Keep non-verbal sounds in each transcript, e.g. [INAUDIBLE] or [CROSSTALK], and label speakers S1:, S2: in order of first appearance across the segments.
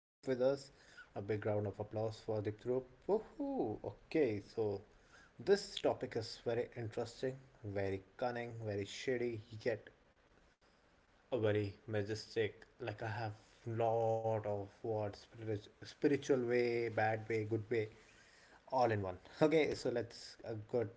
S1: with us. A big round of applause for Deeptharup. Woohoo! Okay, so this topic is very interesting, very cunning, very shady, yet a very majestic. Like I have lot of words, spiritual way, bad way, good way, all in one. Okay, so let's good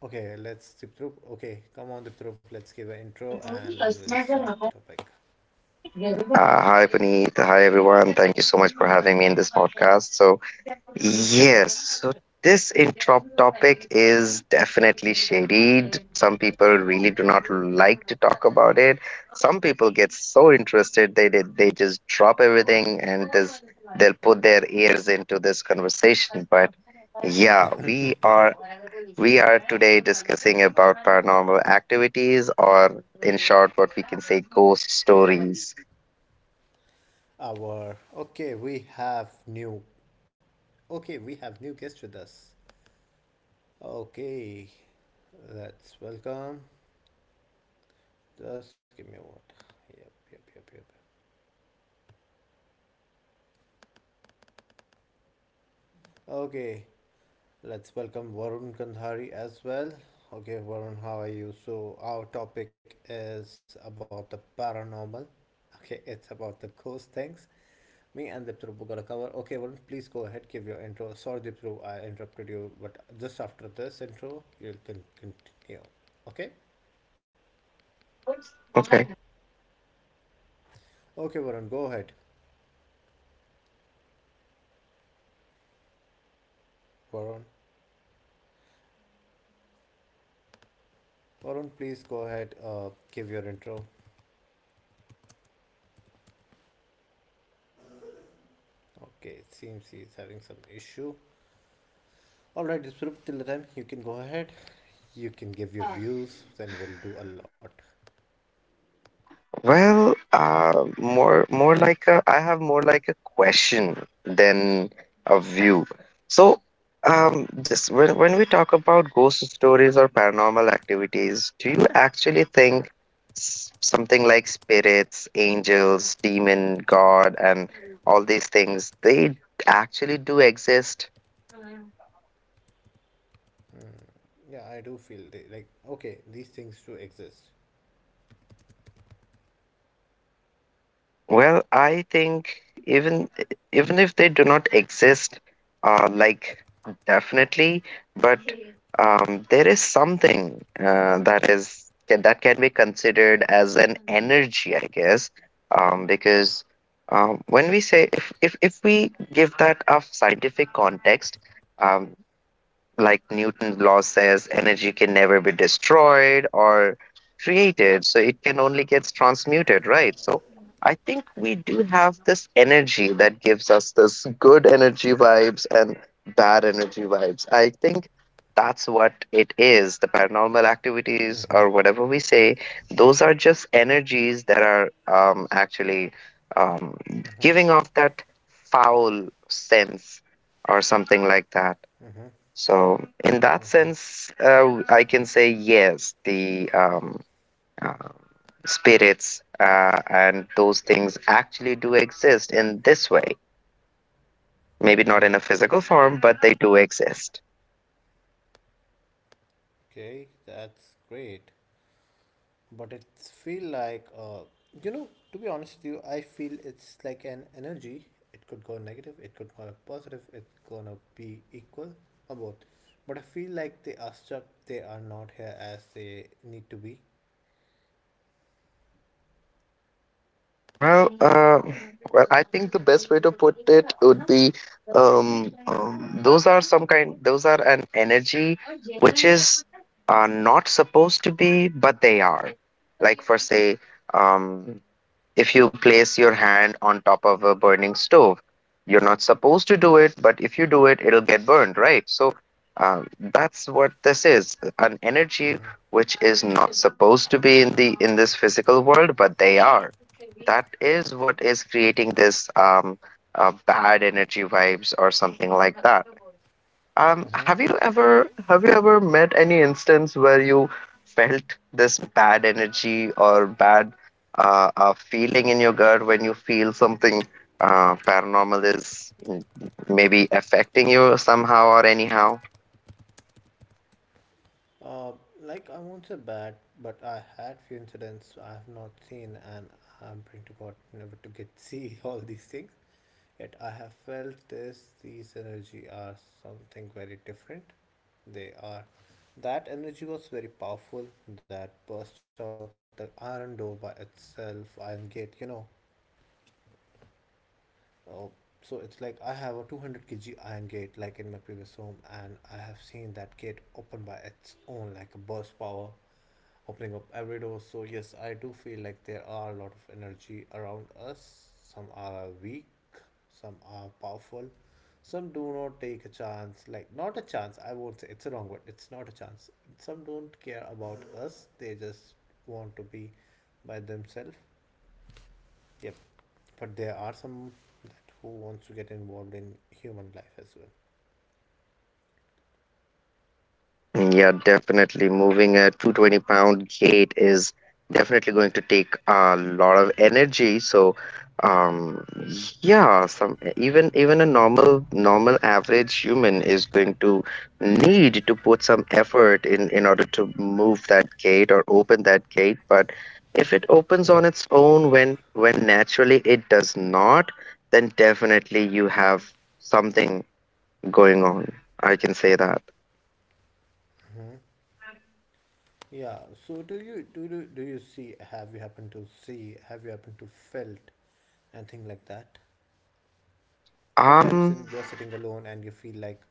S1: Okay, let's zip through. Okay, come on, the troop. Let's give an intro and then we'll start the topic.
S2: Hi, Puneet. Hi, everyone. Thank you so much for having me in this podcast. So, yes, so this intro topic is definitely shaded. Some people really do not like to talk about it. Some people get so interested they just drop everything and this they'll put their ears into this conversation. But yeah, we are today discussing about paranormal activities, or in short what we can say, ghost stories.
S1: We have we have new guest with us. Okay, let's welcome. Just give me a word. Yep. Okay, let's welcome Varun Kandhari as well. Okay, Varun, how are you? So our topic is about the paranormal. Okay, it's about the ghost things. Me and Dipthru gonna cover. Okay, well, please go ahead, give your intro. Sorry, Dipthru, I interrupted you, but just after this intro, you'll continue. Okay?
S2: Okay.
S1: Okay, Varun, go ahead. Varun, Varun, please go ahead, give your intro. Okay, it seems he's having some issue. Alright, Dipthru, till the time, you can go ahead. You can give your views, then we'll do a lot.
S2: Well, more like a, I have more like a question than a view. So, this, when we talk about ghost stories or paranormal activities, do you actually think something like spirits, angels, demon, God, and all these things, they actually do exist?
S1: Hmm. Yeah, I do feel okay, these things do exist.
S2: Well, I think even even if they do not exist, like definitely, but there is something that is that can be considered as an energy, I guess, because when we say if, if we give that a scientific context, um, like Newton's law says, energy can never be destroyed or created, so it can only get transmuted, right? So I think we do have this energy that gives us this good energy vibes and bad energy vibes. I think that's what it is. The paranormal activities
S1: Mm-hmm.
S2: or whatever we say, those are just energies that are actually um,
S1: Mm-hmm.
S2: giving off that foul sense or something like that.
S1: Mm-hmm.
S2: So in that
S1: Mm-hmm.
S2: sense, I can say yes, the uh, spirits and those things actually do exist in this way. Maybe not in
S1: Yeah.
S2: a physical form, but they do exist.
S1: Okay, that's great. But it's feel like you know, to be honest with you, I feel it's like an energy. It could go negative, it could go positive, it's gonna be equal or both. But I feel like they are stuck, they are not here as they need to be.
S2: Well, uh, well, I think the best way to put it would be those are some kind, those are an energy which is not supposed to be, but they are. Like for say, um, if you place your hand on top of a burning stove, you're not supposed to do it, but if you do it, it'll get burned, right? So that's what, this is an energy
S1: Mm-hmm.
S2: which is not supposed to be in the in this physical world, but they are. That is what is creating this bad energy vibes or something like that.
S1: Mm-hmm.
S2: Have you ever met any instance where you felt this bad energy or bad feeling in your gut when you feel something paranormal is maybe affecting you somehow or anyhow?
S1: Uh, like I won't say bad, but I had few incidents I have not seen, and I'm praying to God never to get see [LAUGHS] all these things. Yet I have felt this these energy are something very different. They are that energy was very powerful that burst out the iron door by itself, iron gate, you know. Uh, so it's like I have a 200 kg iron gate like in my previous home and I have seen that gate open by its own like a burst power opening up every door. So, yes, I do feel like there are a lot of energy around us. Some are weak, some are powerful, some do not take a chance. Like, not a chance, I won't say it's a wrong word, it's not a chance. Some don't care about us, they just want to be by themselves. Yep, but there are some that who wants to get involved in human life as well.
S2: Yeah, definitely. Moving a 220-pound gate is definitely going to take a lot of energy. So, um, yeah, some even a normal average human is going to need to put some effort in order to move that gate or open that gate. But if it
S1: Yep.
S2: opens on its own when naturally it does not, then definitely you have something going on. I can say that.
S1: Hmm. Yeah. So do you do, do do you see? Have you happened to see? Have you happened to felt and things like that. Sometimes when
S2: Um
S1: you are sitting alone and you feel like,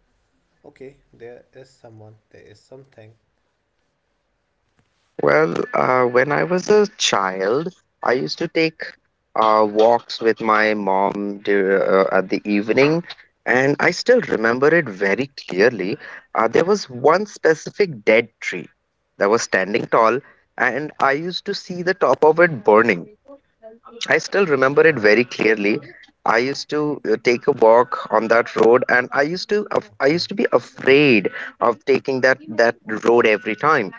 S1: okay, there is someone, there is something.
S2: When I was a child, I used to take walks with my mom at the evening, and I still remember it very clearly. There was one specific dead tree that was standing tall, and I used to see the top of it burning. I still remember it very
S1: Oh,
S2: clearly. I used to take a walk on that road, and I used to I used to
S1: okay.
S2: be afraid of taking that road every time.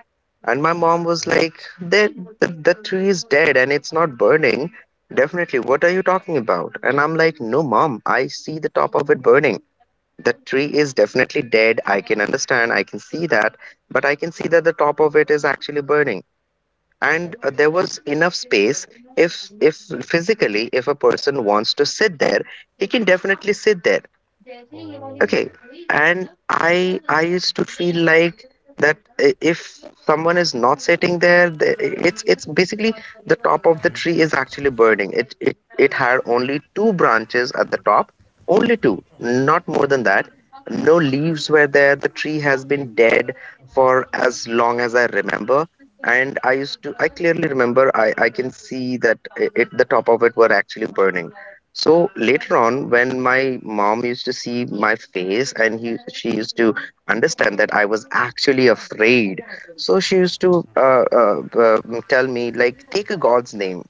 S2: And my mom was
S1: Hmm.
S2: like, "That the tree is dead and it's not burning. Definitely, what are you talking about?" And I'm like, "No, mom, I see the top of it burning. The tree is definitely dead. I can understand. I can see that, but I can see that the top of it is actually burning." And
S1: Yep,
S2: there
S1: yep.
S2: was enough space if physically if a person wants to sit there, he can definitely sit there. Okay.
S1: Oh.
S2: And I used to feel like that, if someone is not sitting there, it's basically the top of the tree is actually burning. It had only two branches at the top, only two, not
S1: hmm
S2: more than that. No leaves were there. The tree has been dead for as long as I remember. And I used to, I clearly remember, I can see that it, the top of it were actually burning. So later on, when my mom used to see my face and she used to understand that I was actually afraid, so she used to
S1: hmm
S2: tell me, like, take a God's name.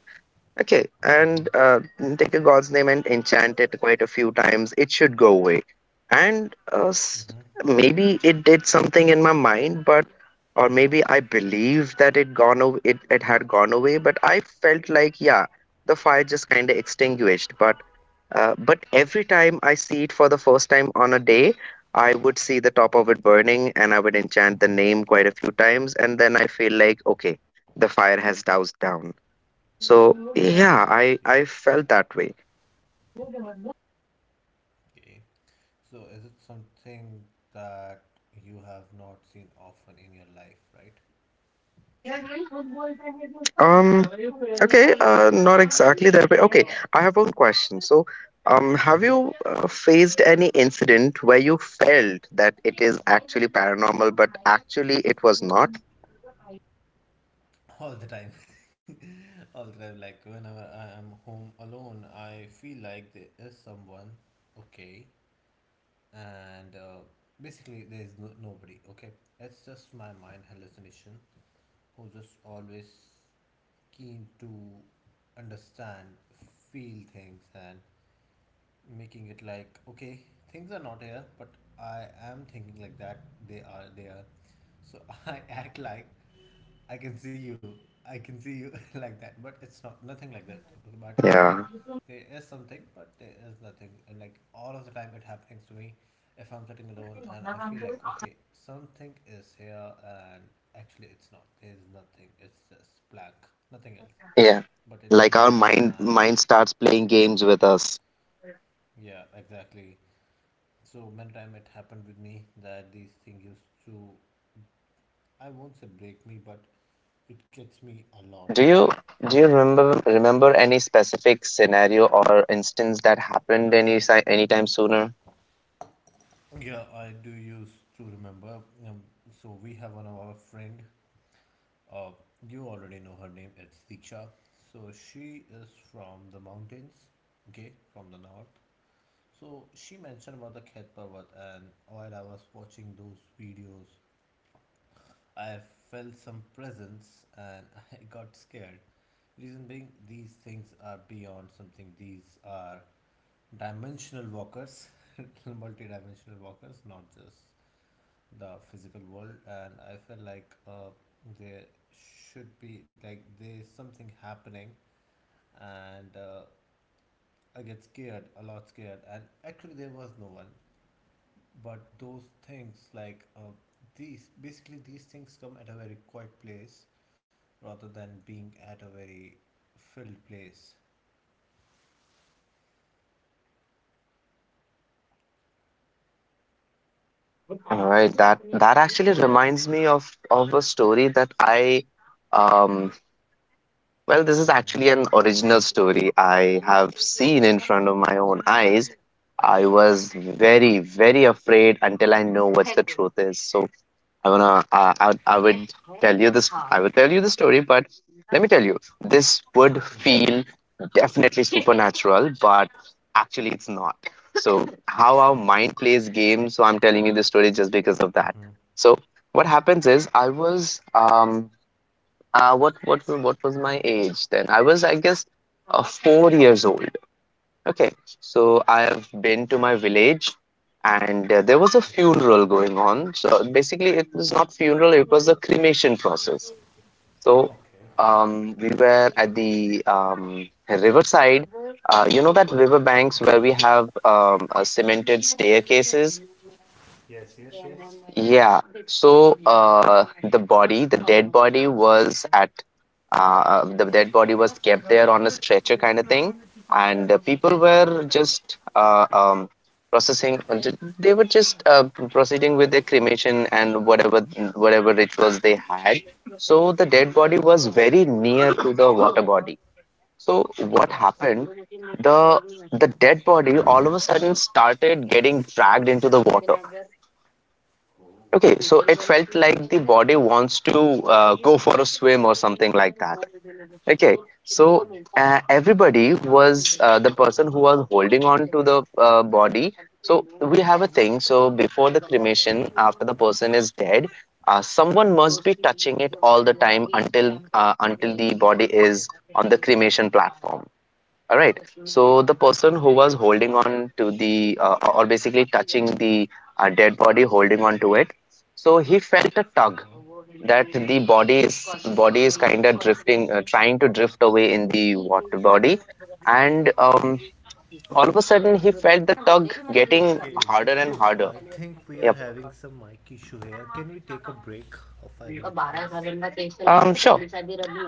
S2: Okay, and take a god's name and enchant it quite a few times. It should go away. And
S1: hmm
S2: maybe it did something in my mind, but or maybe I believed that it gone away, it had gone away, but I felt like yeah, the fire just kind of extinguished. But but every time I see it for the first time on a day, I would see the top of it burning, and I would enchant the name
S1: hmm
S2: quite a few times, and then I feel like okay, the fire has doused down. So yeah,
S1: Yeah.
S2: I felt that way.
S1: Okay. So is it something that you have not seen often in your life, right?
S2: Um, okay, not exactly that way. Okay, I have one question. So, have
S1: Hmm.
S2: you faced any incident where you felt that it is actually paranormal, but actually it was not?
S1: All the time. [LAUGHS] All the time. Like whenever I am home alone, I feel like there is someone. Okay. And basically there is no, nobody, okay, that's just my mind hallucination who just always keen to understand feel things and making it like okay things are not here but I am thinking like that they are there, so [LAUGHS] I act like I can see you. [LAUGHS] Like that, but it's not nothing like that. But I feel
S2: Yeah,
S1: there is something, but there is nothing. And like all of the time, it happens to me if I'm sitting alone, and I feel like okay, something is here, and actually, it's not. There's nothing. It's just blank, nothing else.
S2: yeah.
S1: But in my
S2: Like our
S1: mind,
S2: mind
S1: I
S2: mind starts playing games with us.
S1: yeah, exactly. So many time it happened with me that these things used to I won't say break me, but it gets me a lot.
S2: Do you do you remember any specific scenario or instance that happened any anytime sooner?
S1: Yeah, I do used to remember. Um, so we have one of our friend. Uh, you already know her name. It's Diksha. So she is from the mountains. Okay, from the north. So she mentioned about the Khet Parvat, and while I was watching those videos, I felt some presence and [LAUGHS] I got scared. Reason being, these things are beyond something. These are dimensional walkers, [LAUGHS] multi-dimensional walkers, not just the physical world and I feel like there should be like there's something happening and I get scared a lot scared and actually there was no one but those things like these basically these things come at a very quiet place rather than being at a very filled place.
S2: All right, that actually reminds me of a story that I um well, this is
S1: Mm-hmm.
S2: actually an original story I have seen in front of my own eyes. I was very, very afraid until I know what the truth is. So I wanna, I
S1: Okay.
S2: would tell you this. I would tell you the story, but let me tell you, this
S1: Mm-hmm.
S2: would feel definitely supernatural, but actually it's not. So how our mind plays games. So I'm telling you the story just because of that.
S1: Mm-hmm.
S2: So what happens
S1: Yeah.
S2: is I was what was my age then? I was I guess 4 years old. Okay, so I have been to my village and there was a
S1: Okay.
S2: funeral going on. So basically, it was not funeral, it was a cremation process. So
S1: Okay,
S2: we were at the riverside. You know that river banks where we have cemented staircases?
S1: yes, yes, yes.
S2: Yeah. So the body, the dead body, was at the dead body was kept there on a stretcher kind of thing. And people were
S1: mm-hmm.
S2: just processing, they were just proceeding with their cremation and whatever rituals they had. So the dead body
S1: Mm-hmm.
S2: was very near to the water body. So what
S1: Oh,
S2: happened, the the dead body all of a sudden started getting dragged into the water.
S1: oh.
S2: Okay, so it felt like the body wants to go for a swim or something like that. Okay, so
S1: Okay.
S2: everybody was the person who was holding on to the body. So we have a thing. So before the cremation, after the person is dead, someone must be touching it all the time until the body
S1: Mm-hmm.
S2: is on the cremation platform. All right. So the person who
S1: Mm-hmm.
S2: was holding on to the or basically touching the dead body, holding on to it. So he felt a tug
S1: Uh-huh.
S2: that the body is kind of drifting, trying to drift away in the water body, and all of a sudden he felt the tug getting
S1: Okay,
S2: harder and
S1: Diptrup,
S2: harder.
S1: I think we are
S2: Yep.
S1: having some mic issue here. Can we take a break of 5 minutes, please?
S2: Sure.